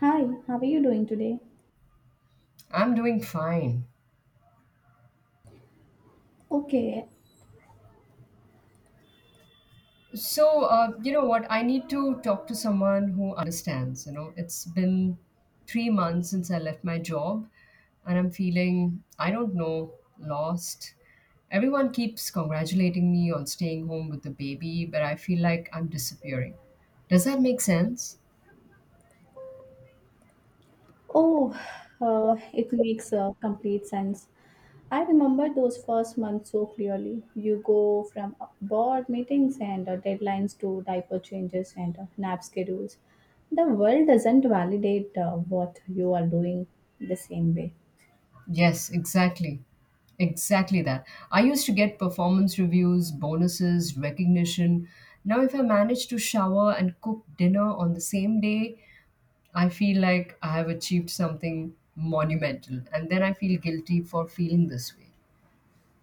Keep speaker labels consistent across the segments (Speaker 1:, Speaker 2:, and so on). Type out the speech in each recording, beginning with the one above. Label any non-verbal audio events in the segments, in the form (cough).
Speaker 1: Hi, how are you doing today?
Speaker 2: I'm doing fine.
Speaker 1: Okay.
Speaker 2: So, you know what? I need to talk to someone who understands. You know, it's been 3 months since I left my job, and I'm feeling, I don't know, lost. Everyone keeps congratulating me on staying home with the baby, but I feel like I'm disappearing. Does that make sense?
Speaker 1: Oh, it makes complete sense. I remember those first months so clearly. You go from board meetings and deadlines to diaper changes and nap schedules. The world doesn't validate what you are doing the same way.
Speaker 2: Yes, exactly. Exactly that. I used to get performance reviews, bonuses, recognition. Now, if I manage to shower and cook dinner on the same day, I feel like I have achieved something monumental. And then I feel guilty for feeling this way.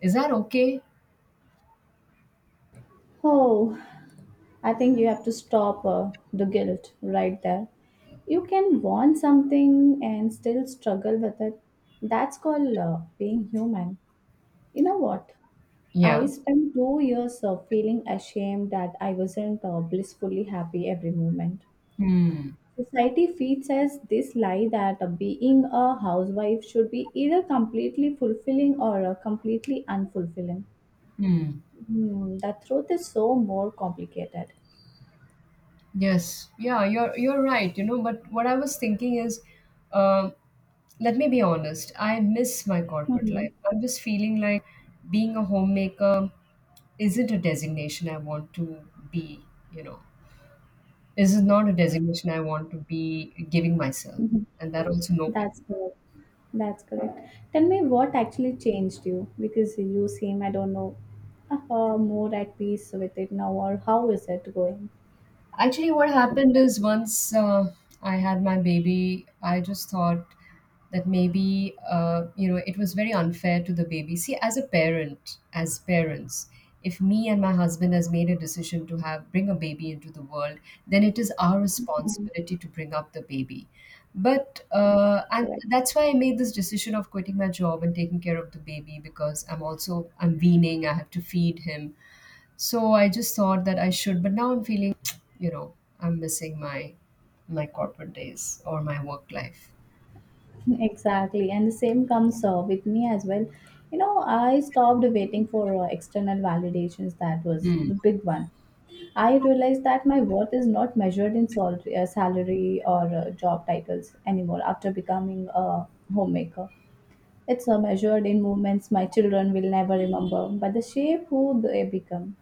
Speaker 2: Is that okay?
Speaker 1: Oh, I think you have to stop the guilt right there. You can want something and still struggle with it. That's called being human. You know what? I
Speaker 2: Yeah.
Speaker 1: spent 2 years of feeling ashamed that I wasn't blissfully happy every moment.
Speaker 2: Hmm.
Speaker 1: Society feeds us this lie that being a housewife should be either completely fulfilling or completely unfulfilling.
Speaker 2: Hmm.
Speaker 1: Hmm, the truth is so more complicated.
Speaker 2: Yes, yeah, you're right. You know, but what I was thinking is, um, let me be honest. I miss my corporate
Speaker 1: Hmm.
Speaker 2: life. I'm just feeling like being a homemaker isn't a designation I want to be. You know, this is not a designation I want to be giving myself,
Speaker 1: Mhm.
Speaker 2: and that also no.
Speaker 1: That's correct. That's correct. Tell me what actually changed you because you seem, I don't know, more at peace with it now, or how is it going?
Speaker 2: Actually, what happened is once I had my baby, I just thought that maybe you know it was very unfair to the baby. See, as a parent, as parents, if me and my husband has made a decision to have bring a baby into the world, then it is our responsibility to bring up the baby. But and
Speaker 1: Correct.
Speaker 2: that's why I made this decision of quitting my job and taking care of the baby because I'm also I'm weaning. I have to feed him. So I just thought that I should, but now I'm feeling, (tsk) you know, I'm missing my corporate days or my work life.
Speaker 1: Exactly, and the same comes with me as well. You know, I stopped waiting for external validations. That was
Speaker 2: Hmm.
Speaker 1: the big one. I realized that my worth is not measured in salary, or job titles anymore after becoming a homemaker. It's measured in moments my children will never remember, but the shape who they become.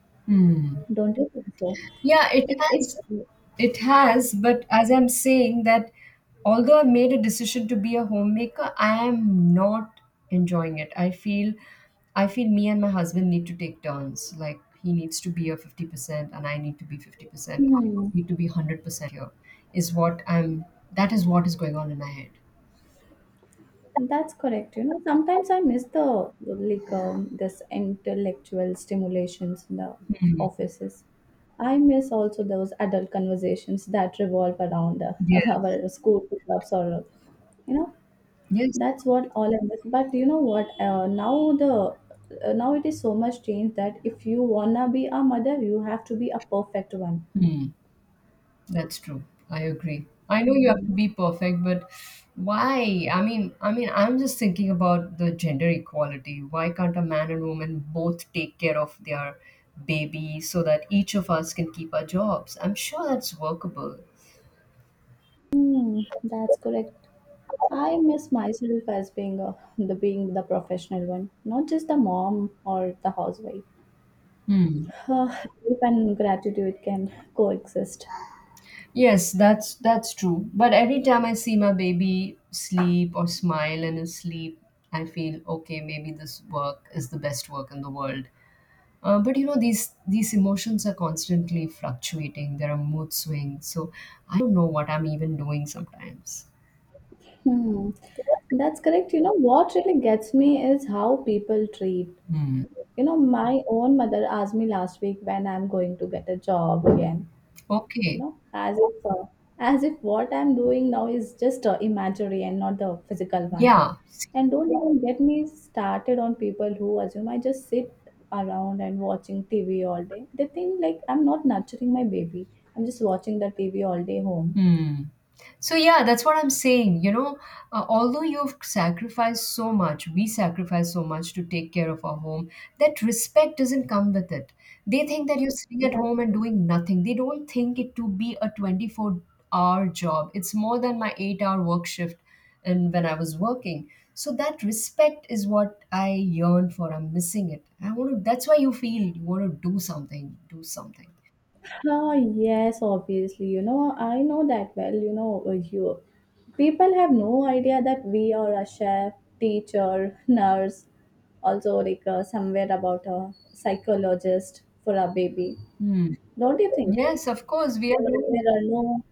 Speaker 1: Don't you think so?
Speaker 2: Yeah,
Speaker 1: Like it's.
Speaker 2: it has, but as I'm saying that although I made a decision to be a homemaker, I am not enjoying it. I feel me and my husband need to take turns. Like he needs to be a 50% and I need to be 50%. I
Speaker 1: Hmm.
Speaker 2: need to be 100% here is what I'm that is what is going on in my head.
Speaker 1: That's correct. You know, sometimes I miss the like this intellectual stimulations in the offices. I miss also those adult conversations that revolve around (laughs)
Speaker 2: Yes.
Speaker 1: our school pickups or you know
Speaker 2: Yes,
Speaker 1: that's what all I miss. But you know what? Now it is so much change that if you wanna be a mother, you have to be a perfect one.
Speaker 2: that's true. I agree. I know you have to
Speaker 1: Mm.
Speaker 2: be perfect, but why? I mean, I'm just thinking about the gender equality. Why can't a man and woman both take care of their baby so that each of us can keep our jobs? I'm sure that's workable.
Speaker 1: Mm, that's correct. I miss myself as being a, the being the professional one, not just the mom or the housewife.
Speaker 2: Hmm.
Speaker 1: Grief and gratitude can coexist.
Speaker 2: Yes, that's true. But every time I see my baby sleep or smile in his sleep, I feel okay, maybe this work is the best work in the world. But you know these emotions are constantly fluctuating. There are mood swings, so I don't know what I'm even doing sometimes.
Speaker 1: Hmm. That's correct. You know what really gets me is how people treat.
Speaker 2: Hmm.
Speaker 1: You know, my own mother asked me last week when I'm going to get a job again. You
Speaker 2: Okay,
Speaker 1: know, as if what I'm doing now is just imaginary and not the physical one.
Speaker 2: yeah.
Speaker 1: And don't even get me started on people who assume I just sit around and watching TV all day. They think like I'm not nurturing my baby. I'm just watching the TV all day home.
Speaker 2: Hmm. So, yeah, that's what I'm saying. You know, although you've sacrificed so much, we sacrifice so much to take care of our home, that respect doesn't come with it. They think that you're sitting at home and
Speaker 1: That's
Speaker 2: doing nothing. They don't think it to be a 24-hour job. It's more than my 8 hour work shift and when I was working. So that respect is what I yearn for. I'm missing it. I want to, that's why you feel you want to do something, do something.
Speaker 1: Oh yes, obviously. You know, I know that well. You know, you people have no idea that we are a chef, teacher, (laughs) nurse, also like somewhere about a psychologist for a baby.
Speaker 2: Hmm.
Speaker 1: Don't you think so?
Speaker 2: Yes, of course. We are.
Speaker 1: There are no.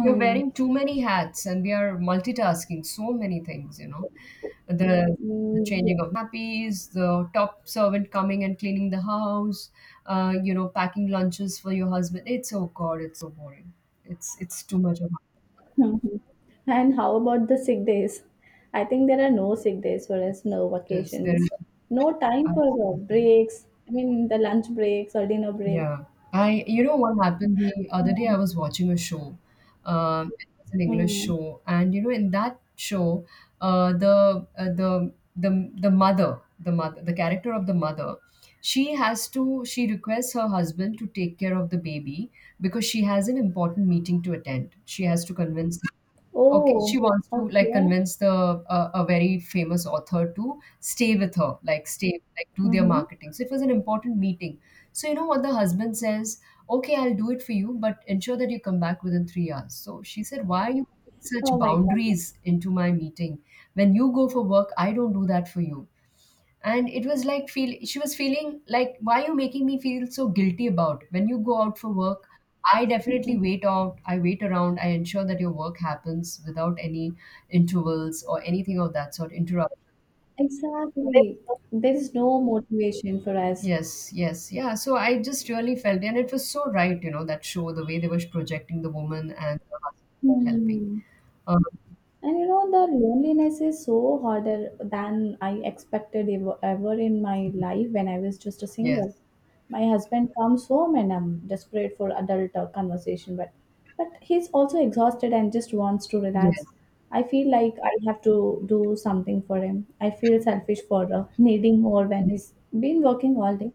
Speaker 2: You're wearing too many hats and we are multitasking so many things, you know. The the
Speaker 1: Mm, yeah.
Speaker 2: changing of nappies, the top servant coming and cleaning the house, you know, packing lunches for your husband. It's oh God, it's so boring. It's too much of
Speaker 1: (laughs) Mhm. And how about the sick days? I think there are no sick days for
Speaker 2: yes.
Speaker 1: us, no
Speaker 2: It is. There is
Speaker 1: vacations, no time for
Speaker 2: absolutely.
Speaker 1: breaks. I mean, the lunch breaks or dinner break.
Speaker 2: Yeah. I, you know what happened the other day? I was watching a show. It was an English
Speaker 1: Hmm.
Speaker 2: show, and you know, in that show, the mother, the mother, the character of the mother, she requests her husband to take care of the baby because she has an important meeting to attend. She has to convince okay, she
Speaker 1: Oh,
Speaker 2: wants to like
Speaker 1: okay.
Speaker 2: convince the a very famous author to stay with her, like stay, like do their
Speaker 1: Mm-hmm.
Speaker 2: marketing. So it was an important meeting. So you know what the husband says? Okay, I'll do it for you, but ensure that you come back within 3 hours. So she said, why are you putting such
Speaker 1: Oh my God.
Speaker 2: boundaries into my meeting? When you go for work, I don't do that for you, and it was like feel she was feeling like why are you making me feel so guilty about it? When you go out for work, I definitely
Speaker 1: Mhm.
Speaker 2: wait out, I wait around, I ensure that your work happens without any intervals or anything of that sort interrupt.
Speaker 1: Exactly. There is no motivation for us.
Speaker 2: Yes, yes, yeah, so I just really felt and it was so right, you know, that show the way they were projecting the woman and the husband helping.
Speaker 1: Hmm.
Speaker 2: um,
Speaker 1: And you know, the loneliness is so harder than I expected ever, ever in my life when I was just a
Speaker 2: yes
Speaker 1: single. My husband comes home and I'm desperate for adult conversation, but he's also exhausted and just wants to
Speaker 2: yes
Speaker 1: relax. I feel like I have to do something for him. I feel selfish for (laughs) needing more when
Speaker 2: yes.
Speaker 1: he's been working all day.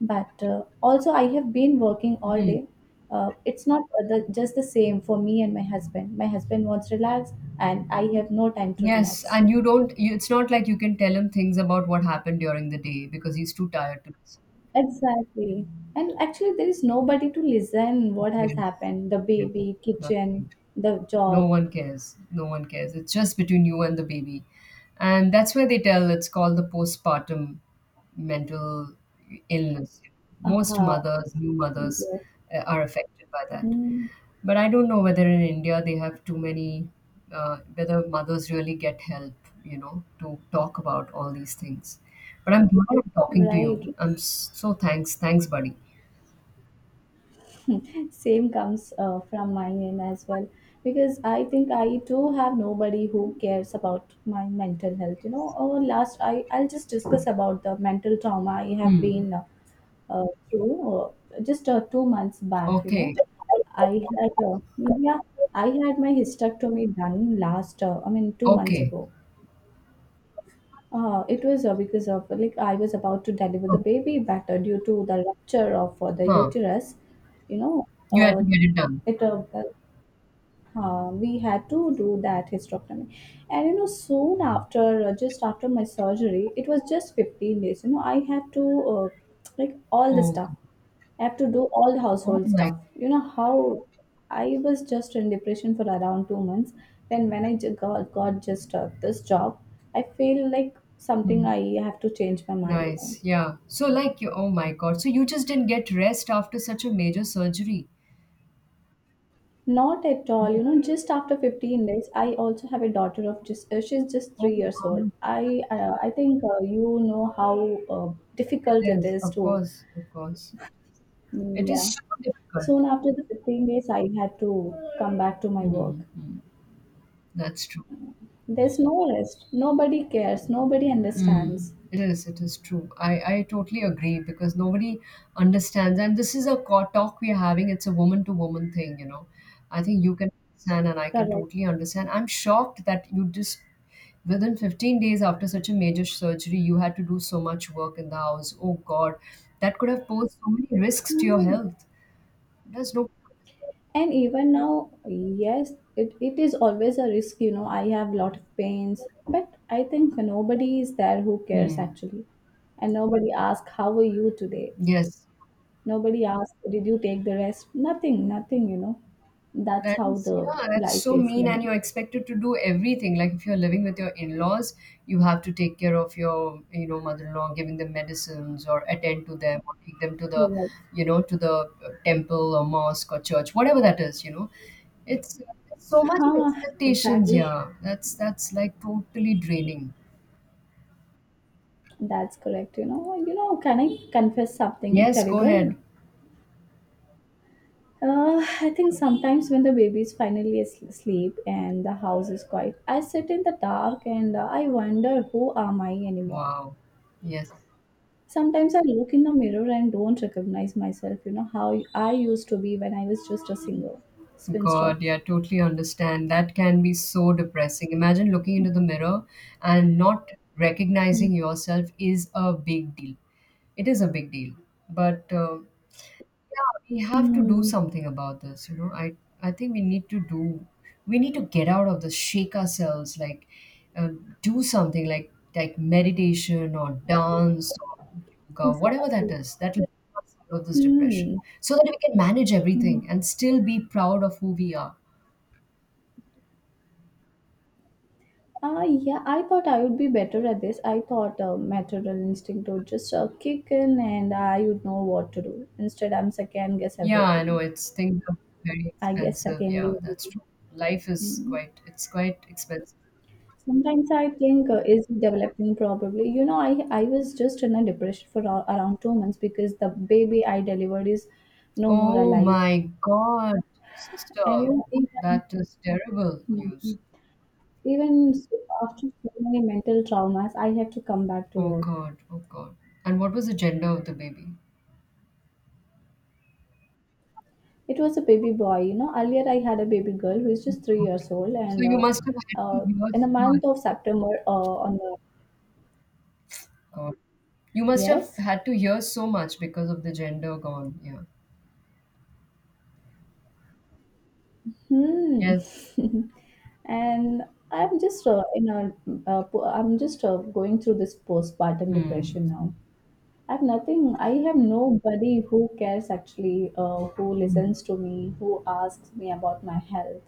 Speaker 1: But also, I have been working all
Speaker 2: Hmm.
Speaker 1: day. It's not just the same for me and my husband. My husband wants relax, and I have no time to
Speaker 2: Yes,
Speaker 1: relax.
Speaker 2: and you don't, you, it's not like you can tell him things about what happened during the day because he's too tired to listen.
Speaker 1: Exactly. And actually, there is nobody to listen what has
Speaker 2: Yes,
Speaker 1: happened. The
Speaker 2: yes,
Speaker 1: baby,
Speaker 2: that's
Speaker 1: kitchen,
Speaker 2: it.
Speaker 1: the
Speaker 2: No
Speaker 1: job.
Speaker 2: one cares. No one cares. It's just between you and the baby. And that's where they tell it's called the postpartum mental illness. Most
Speaker 1: Uh-huh.
Speaker 2: mothers, new mothers,
Speaker 1: Yes.
Speaker 2: are affected by that.
Speaker 1: Mm,
Speaker 2: But I don't know whether in India they have too many, whether mothers really get help, you know, to talk about all these things. But I'm glad I'm talking to you.
Speaker 1: right.
Speaker 2: So thanks. Thanks, buddy.
Speaker 1: (laughs) Same comes from my end as well because I think I too have nobody who cares about my mental health, you know. Or last I'll just discuss about the mental trauma I have
Speaker 2: Hmm.
Speaker 1: been through just 2 months back. You know,
Speaker 2: Okay.
Speaker 1: i had uh, yeah I had my hysterectomy done last I mean 2 months
Speaker 2: Okay.
Speaker 1: ago. It was because of like I was about to deliver the
Speaker 2: Okay.
Speaker 1: baby, but due to the rupture of the
Speaker 2: Huh.
Speaker 1: uterus. You know,
Speaker 2: You had to get it done.
Speaker 1: it We had to do that hysterectomy, and soon after, just after my surgery, it was just 15 days. You know, I had to like all the
Speaker 2: Oh,
Speaker 1: stuff.
Speaker 2: g-
Speaker 1: I have to do all the
Speaker 2: oh
Speaker 1: household
Speaker 2: my.
Speaker 1: stuff. You know how I was just in depression for around 2 months. Then when I got just this job, I feel like something
Speaker 2: Hmm.
Speaker 1: I have to change my mind on.
Speaker 2: Nice. Yeah. So like you. Oh my God. So you just didn't get rest after such a major surgery.
Speaker 1: Not at all. You know, just after 15 days, I also have a daughter of just she's just
Speaker 2: Oh
Speaker 1: 3 years old.
Speaker 2: God.
Speaker 1: I think you know how uh,
Speaker 2: It
Speaker 1: difficult it
Speaker 2: is.
Speaker 1: is
Speaker 2: Of
Speaker 1: to.
Speaker 2: course. Of course.
Speaker 1: Mm,
Speaker 2: It is
Speaker 1: yeah.
Speaker 2: so difficult.
Speaker 1: Soon after the 15 days, I had to come back to my work.
Speaker 2: Mm-hmm. That's true.
Speaker 1: There's no rest. Nobody cares. Nobody
Speaker 2: Mm,
Speaker 1: understands.
Speaker 2: it is true. I totally agree because nobody understands. And this is a talk we are having. It's a woman to woman thing, you know. I think you can understand and I can
Speaker 1: Correct.
Speaker 2: totally understand. I'm shocked that you just, within 15 days after such a major surgery, you had to do so much work in the house. Oh God, that could have posed so many risks to your
Speaker 1: Hmm.
Speaker 2: health. There's no.
Speaker 1: And even now, yes, it is always a risk, you know. I have lot of pains, but I think nobody is there who cares
Speaker 2: Hmm.
Speaker 1: actually. And nobody asks, how are you today?
Speaker 2: Yes.
Speaker 1: Nobody asks, did you take the rest? Nothing, nothing, you know. That's
Speaker 2: That
Speaker 1: how
Speaker 2: is,
Speaker 1: the
Speaker 2: yeah, that's
Speaker 1: life
Speaker 2: so
Speaker 1: is,
Speaker 2: mean,
Speaker 1: you
Speaker 2: and
Speaker 1: know.
Speaker 2: you're expected to do everything. Like if you're living with your in-laws, you have to take care of your, you know, mother-in-law, giving them medicines or attend to them or take them to the,
Speaker 1: Correct.
Speaker 2: you know, to the temple or mosque or church, whatever that is, you know. It's, it's so much of
Speaker 1: Huh,
Speaker 2: expectations,
Speaker 1: exactly.
Speaker 2: yeah. That's like totally draining.
Speaker 1: That's correct. You know, can I confess something
Speaker 2: Yes, go ahead.
Speaker 1: terrible? I think sometimes when the baby is finally asleep and the house is quiet, I sit in the dark and I wonder who am I anymore.
Speaker 2: Wow. Yes.
Speaker 1: Sometimes I look in the mirror and don't recognize myself, how I used to be when I was just a single spinster.
Speaker 2: God, yeah, totally understand. That can be so depressing. Imagine looking into the mirror and not recognizing yourself is a big deal. It is a big deal. But yeah, we have to do
Speaker 1: Hmm.
Speaker 2: something about this, you know. I think we need to do, we need to get out of this, shake ourselves, like, uh, do something like meditation or dance or yoga, whatever that
Speaker 1: Exactly.
Speaker 2: is, that will help us out of this depression
Speaker 1: Hmm.
Speaker 2: so that we can manage everything
Speaker 1: Hmm.
Speaker 2: and still be proud of who we are.
Speaker 1: Ah, yeah, I thought I would be better at this. I thought maternal instinct would just kick in and I would know what to do. Instead, I'm second guess
Speaker 2: Yeah, I know,
Speaker 1: everything.
Speaker 2: it's things are very
Speaker 1: I guess
Speaker 2: expensive,
Speaker 1: second
Speaker 2: yeah,
Speaker 1: year.
Speaker 2: that's true. Life is
Speaker 1: Mm.
Speaker 2: quite, it's quite expensive.
Speaker 1: Sometimes I think is developing probably. You know, I was just in a depression for around 2 months because the baby I delivered is no more
Speaker 2: Oh
Speaker 1: alive,
Speaker 2: my God,
Speaker 1: and
Speaker 2: sister,
Speaker 1: even
Speaker 2: that is terrible news.
Speaker 1: mm, after so many mental traumas, I had to come back to
Speaker 2: Oh
Speaker 1: work.
Speaker 2: God, oh God. And what was the gender of the baby?
Speaker 1: It was a baby boy. You know, earlier I had a baby girl who is
Speaker 2: Oh
Speaker 1: just three
Speaker 2: God.
Speaker 1: years old,
Speaker 2: So
Speaker 1: and
Speaker 2: you must have had
Speaker 1: uh,
Speaker 2: to hear
Speaker 1: in the
Speaker 2: so much.
Speaker 1: month of September, on the
Speaker 2: God. You must have
Speaker 1: yes.
Speaker 2: had to hear so much because of the gender gone. Yeah.
Speaker 1: Hmm.
Speaker 2: Yes.
Speaker 1: (laughs) And I'm just, you know, po- I'm just going through this postpartum
Speaker 2: Hmm.
Speaker 1: depression now. I have nothing. I have nobody who cares actually, who
Speaker 2: Hmm.
Speaker 1: listens to me, who asks me about my health.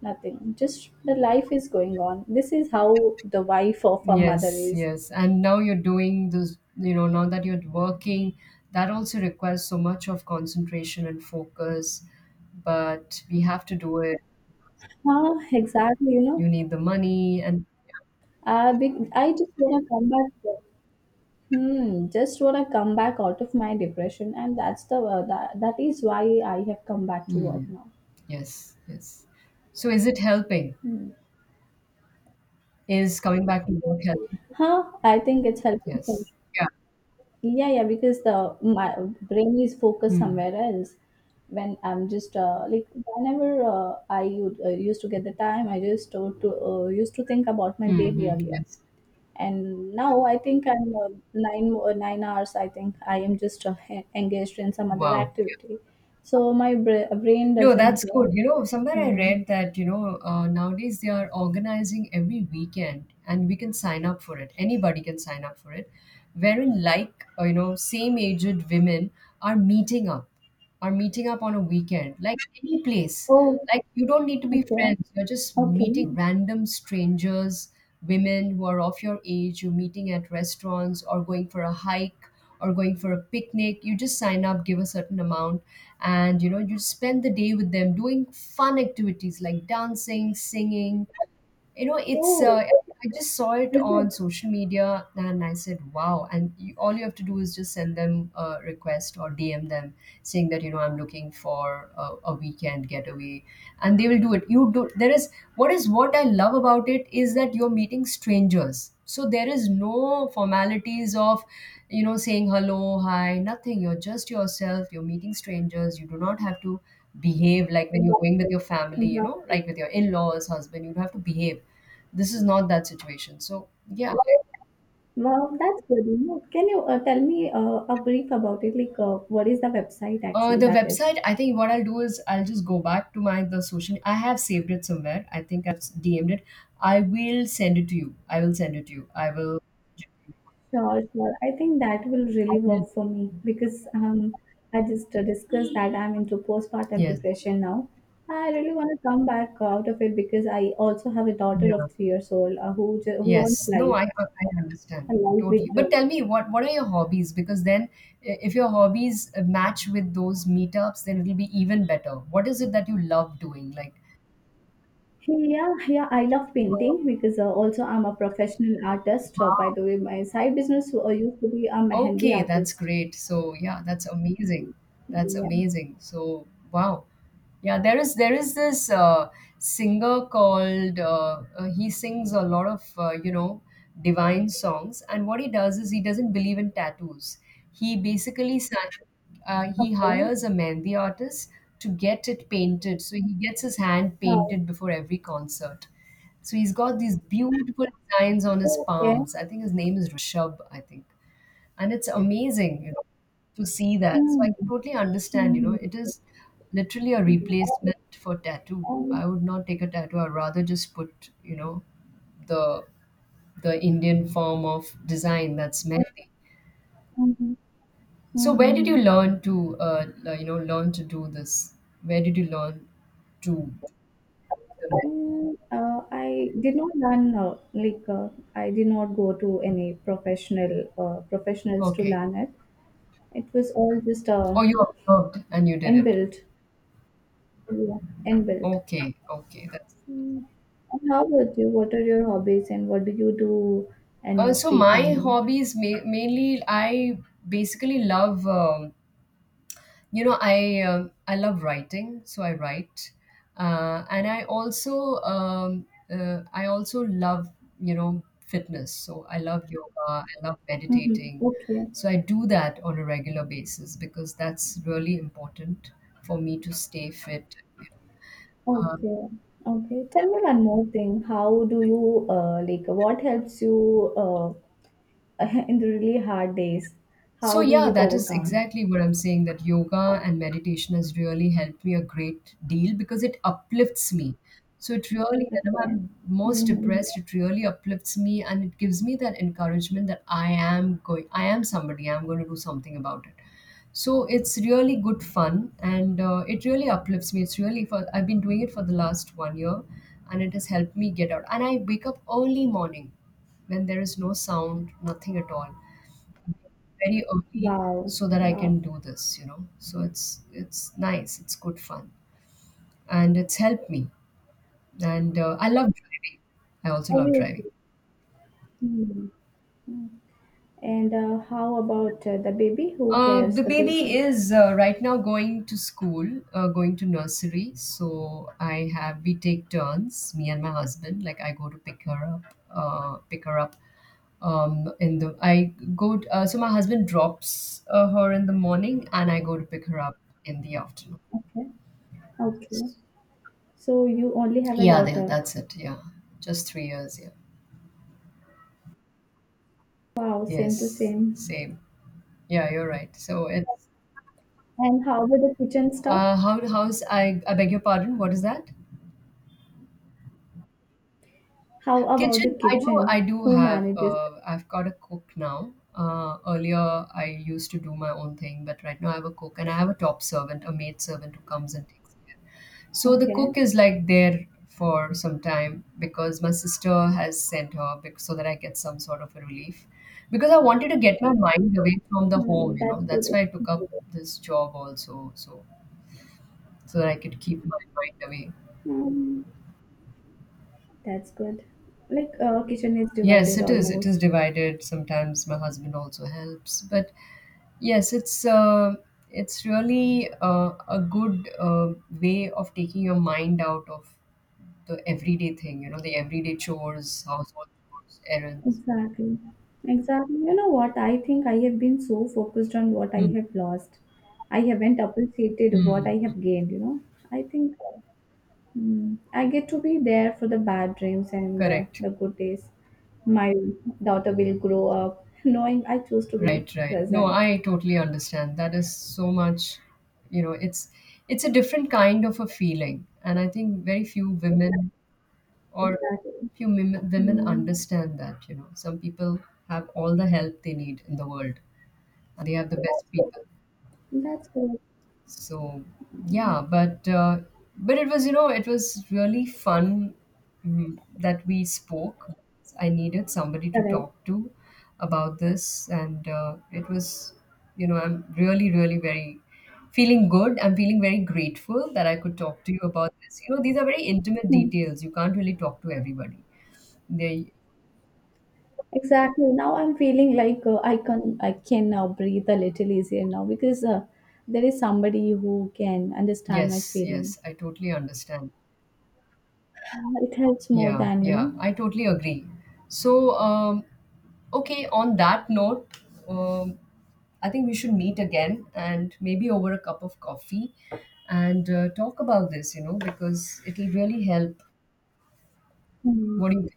Speaker 1: Nothing. Just the life is going on. This is how the wife of a mother
Speaker 2: Yes,
Speaker 1: is.
Speaker 2: yes. And now you're doing this, you know, now that you're working, that also requires so much of concentration and focus, but we have to do it.
Speaker 1: Huh, exactly, you
Speaker 2: You
Speaker 1: know.
Speaker 2: need the money and
Speaker 1: I just want to come back. Hmm, just want to come back out of my depression, and that is why I have come back to work
Speaker 2: mm,
Speaker 1: now.
Speaker 2: yes, yes, so is it helping, is coming back to work helping?
Speaker 1: Huh? I think it's helping for
Speaker 2: Yes,
Speaker 1: me.
Speaker 2: yeah.
Speaker 1: Yeah, yeah, because the my brain is focused
Speaker 2: Hmm.
Speaker 1: somewhere else. When I'm just like whenever I would, used to get the time, I just to used to think about my baby
Speaker 2: Hmm,
Speaker 1: earlier,
Speaker 2: yes.
Speaker 1: and now I think I'm nine hours. I think I am just engaged in some other
Speaker 2: Wow.
Speaker 1: activity, so my brain
Speaker 2: No,
Speaker 1: doesn't.
Speaker 2: that's good. You know, somewhere I
Speaker 1: Hmm.
Speaker 2: read that, you know, nowadays they are organizing every weekend and we can sign up for it, anybody can sign up for it, wherein like, you know, same aged women are meeting up, are meeting up on a weekend, like any place.
Speaker 1: Oh,
Speaker 2: Like you don't need to be
Speaker 1: okay.
Speaker 2: friends. You're just
Speaker 1: Okay.
Speaker 2: meeting random strangers, women who are of your age, you're meeting at restaurants or going for a hike or going for a picnic. You just sign up, give a certain amount, and you spend the day with them doing fun activities like dancing, singing, you know it's
Speaker 1: Oh,
Speaker 2: I just saw it
Speaker 1: is
Speaker 2: on
Speaker 1: it?
Speaker 2: social media and I said wow. And all you have to do is just send them a request or DM them saying that I'm looking for a weekend getaway and they will do it. You do there is What I love about it is that you're meeting strangers, so there is no formalities of saying hello, hi, nothing. You're just yourself, you're meeting strangers. You do not have to behave like when you're going with your family, you know,
Speaker 1: Wow.
Speaker 2: like with your in laws, husband, you have to behave. This is not that situation. So, yeah.
Speaker 1: Wow, that's good. You know, can you tell me a brief about it? Like, what is the website actually
Speaker 2: The
Speaker 1: that is?
Speaker 2: website, I think what I'll do is I'll just go back to my the social. I have saved it somewhere. I think I've DM'd it. I will send it to you. I will send it to you. I will.
Speaker 1: Sure, sure. I think that will
Speaker 2: I
Speaker 1: really
Speaker 2: will.
Speaker 1: work for me because I just discussed that I'm into postpartum
Speaker 2: Yes.
Speaker 1: depression now. I really want to come back out of it because I also have a daughter
Speaker 2: Yeah.
Speaker 1: of 3 years old who wants
Speaker 2: Yes. No,
Speaker 1: life,
Speaker 2: I understand
Speaker 1: a life with
Speaker 2: totally. But
Speaker 1: joy.
Speaker 2: tell me what are your hobbies? Because then if your hobbies match with those meetups, then it'll be even better. What is it that you love doing?
Speaker 1: Yeah, yeah, I love
Speaker 2: Uh,
Speaker 1: painting because also I'm a professional artist. By the way, my side business used to be a mehendi
Speaker 2: Okay, that's
Speaker 1: artist.
Speaker 2: great. So yeah, that's amazing. That's
Speaker 1: Yeah.
Speaker 2: amazing. So wow. Yeah, there is this singer called he sings a lot of divine songs, and what he does is he doesn't believe in tattoos. He basically sa- he
Speaker 1: Okay.
Speaker 2: hires a mehndi artist to get it painted, so he gets his hand
Speaker 1: Uh,
Speaker 2: painted before every concert. So he's got these beautiful designs on his
Speaker 1: okay.
Speaker 2: palms. I think his name is Rishabh. I think And it's amazing, to see that. So I
Speaker 1: Hmm.
Speaker 2: can totally understand,
Speaker 1: Hmm.
Speaker 2: it is literally a replacement for tattoo.
Speaker 1: Um,
Speaker 2: I would not take a tattoo, I'd rather just put, the the Indian form of design, that's mehndi.
Speaker 1: mhm,
Speaker 2: So
Speaker 1: mhm,
Speaker 2: where did you
Speaker 1: mhm.
Speaker 2: learn to uh, learn to do this? Where did you learn to do the mehndi?
Speaker 1: I did not learn like I did not go to any professionals to
Speaker 2: Okay.
Speaker 1: learn it. It was all just
Speaker 2: Or you observed and you did it?
Speaker 1: inbuilt. Yeah, inbuilt.
Speaker 2: Okay. okay that's
Speaker 1: And how about you? What are your hobbies and what do you do in your
Speaker 2: So
Speaker 1: free
Speaker 2: my
Speaker 1: time?
Speaker 2: hobbies, mainly I basically love, I love writing, so I write. And I also, I also love, fitness. So I love yoga, I love
Speaker 1: Mm-hmm.
Speaker 2: meditating.
Speaker 1: Okay.
Speaker 2: So I do that on a regular basis because that's really important for me to stay fit.
Speaker 1: Okay. Okay. Tell me one more thing. How do you like what helps you (laughs) in the really hard days?
Speaker 2: So,
Speaker 1: How do
Speaker 2: yeah,
Speaker 1: you
Speaker 2: that is
Speaker 1: overcome?
Speaker 2: exactly what I'm saying, that yoga and meditation has really helped me a great deal because it uplifts me. So, it really, whenever
Speaker 1: Okay.
Speaker 2: I'm most
Speaker 1: Mm-hmm.
Speaker 2: depressed, it really uplifts me and it gives me that encouragement that I am going, I am somebody, I'm going to do something about it. So, it's really good fun, and it really uplifts me. It's really, for, I've been doing it for the last 1 year and it has helped me get out. And I wake up early morning when there is no sound, nothing at all, very early,
Speaker 1: Wow.
Speaker 2: so that I
Speaker 1: Wow.
Speaker 2: can do this, you know. So it's nice, it's good fun, and it's helped me. And I love driving. I also love driving.
Speaker 1: Obviously. Hmm. And how about the baby? Who
Speaker 2: The
Speaker 1: cares the
Speaker 2: baby
Speaker 1: baby?
Speaker 2: is right now going to school, going to nursery. So I have we take turns, me and my husband. Like I go to pick her up in the I go. So my husband drops her in the morning, and I go to pick her up in the afternoon.
Speaker 1: Okay. Okay. So you only have a
Speaker 2: Yeah,
Speaker 1: daughter.
Speaker 2: that's it. Yeah, just 3 years. Yeah,
Speaker 1: Wow, same to
Speaker 2: yes,
Speaker 1: same.
Speaker 2: same. Yeah, you're right. So it's
Speaker 1: And how about the kitchen stuff?
Speaker 2: how how's I beg your pardon. What is that?
Speaker 1: How about the
Speaker 2: Kitchen. I
Speaker 1: kitchen?
Speaker 2: do
Speaker 1: Who
Speaker 2: have
Speaker 1: manages it?
Speaker 2: I've got a cook now. Earlier I used to do my own thing, but right now I have a cook, and I have a top servant, a maid servant, who comes and takes care. So the
Speaker 1: Okay.
Speaker 2: cook is like there for some time because my sister has sent her, so that I get some sort of a relief. Because I wanted to get my mind away from the home,
Speaker 1: Hmm,
Speaker 2: you know.
Speaker 1: that's
Speaker 2: That's
Speaker 1: good.
Speaker 2: why I took up this job also, so that I could keep my mind away.
Speaker 1: Hmm, that's good. Like, kitchen is
Speaker 2: Yes,
Speaker 1: divided
Speaker 2: it is. It is
Speaker 1: almost.
Speaker 2: divided. Sometimes my husband also helps, but yes, it's really a good, way of taking your mind out of the everyday thing, you know, the everyday chores, household chores, errands.
Speaker 1: Exactly. Exactly. You know what? I think I have been so focused on what I
Speaker 2: Hmm.
Speaker 1: have lost. I haven't appreciated
Speaker 2: Hmm.
Speaker 1: what I have gained, you know? I think. Mm, I get to be there for the bad dreams and
Speaker 2: Correct.
Speaker 1: the good days. My daughter will grow up (laughs) knowing I choose to be
Speaker 2: Right, right. No,
Speaker 1: present.
Speaker 2: I totally understand. That is so much, you know, it's a different kind of a feeling, and I think very few women, or
Speaker 1: Exactly.
Speaker 2: women
Speaker 1: Mm,
Speaker 2: understand that. You know, some people have all the help they need in the world, and they have the best people.
Speaker 1: that's correct.
Speaker 2: So yeah, but it was, it was really fun, mm, that we spoke. I needed somebody to
Speaker 1: Correct.
Speaker 2: talk to about this, and it was, I'm really, really very feeling good. I'm feeling very grateful that I could talk to you about this. You know these are very intimate
Speaker 1: Hmm.
Speaker 2: details. You can't really talk to everybody. They.
Speaker 1: Exactly. Now I'm feeling like I can now breathe a little easier now because there is somebody who can understand my
Speaker 2: Yes,
Speaker 1: feeling.
Speaker 2: yes, I totally understand.
Speaker 1: It helps more
Speaker 2: Yeah,
Speaker 1: than you
Speaker 2: yeah,
Speaker 1: know.
Speaker 2: I totally agree. So, okay, on that note, um, I think we should meet again and maybe over a cup of coffee and talk about this, you know, because it'll really help.
Speaker 1: Hmm.
Speaker 2: What do you think?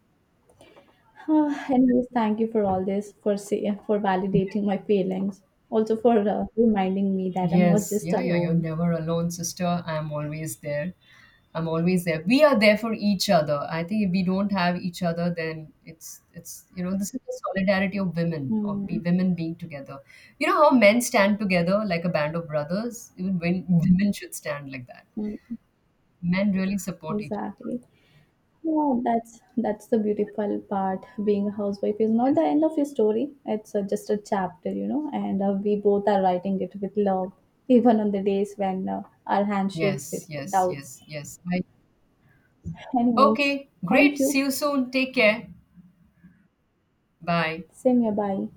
Speaker 1: (sighs) Ah, anyways, thank you for all this, for validating my feelings, also for reminding me that I'm not
Speaker 2: Yes,
Speaker 1: just
Speaker 2: yeah, yeah, you're
Speaker 1: alone.
Speaker 2: never alone, sister. I'm always there. I'm always there. We are there for each other. I think if we don't have each other, then it's you know, this is the solidarity of women, of be
Speaker 1: Mm,
Speaker 2: women being together. You know how men stand together like a band of brothers. Even when women should stand like that.
Speaker 1: mm,
Speaker 2: Men really support each
Speaker 1: exactly. Yeah, that's the beautiful part. Being a housewife is not
Speaker 2: other.
Speaker 1: the end of your story. It's just a chapter, you know. And we both are writing it with love, even on the days when our hand shakes with
Speaker 2: Yes, yes,
Speaker 1: doubts.
Speaker 2: yes, yes, yes.
Speaker 1: Anyways,
Speaker 2: Okay, great.
Speaker 1: thank
Speaker 2: See
Speaker 1: you.
Speaker 2: you soon. Take care. Bye.
Speaker 1: Same here. Bye.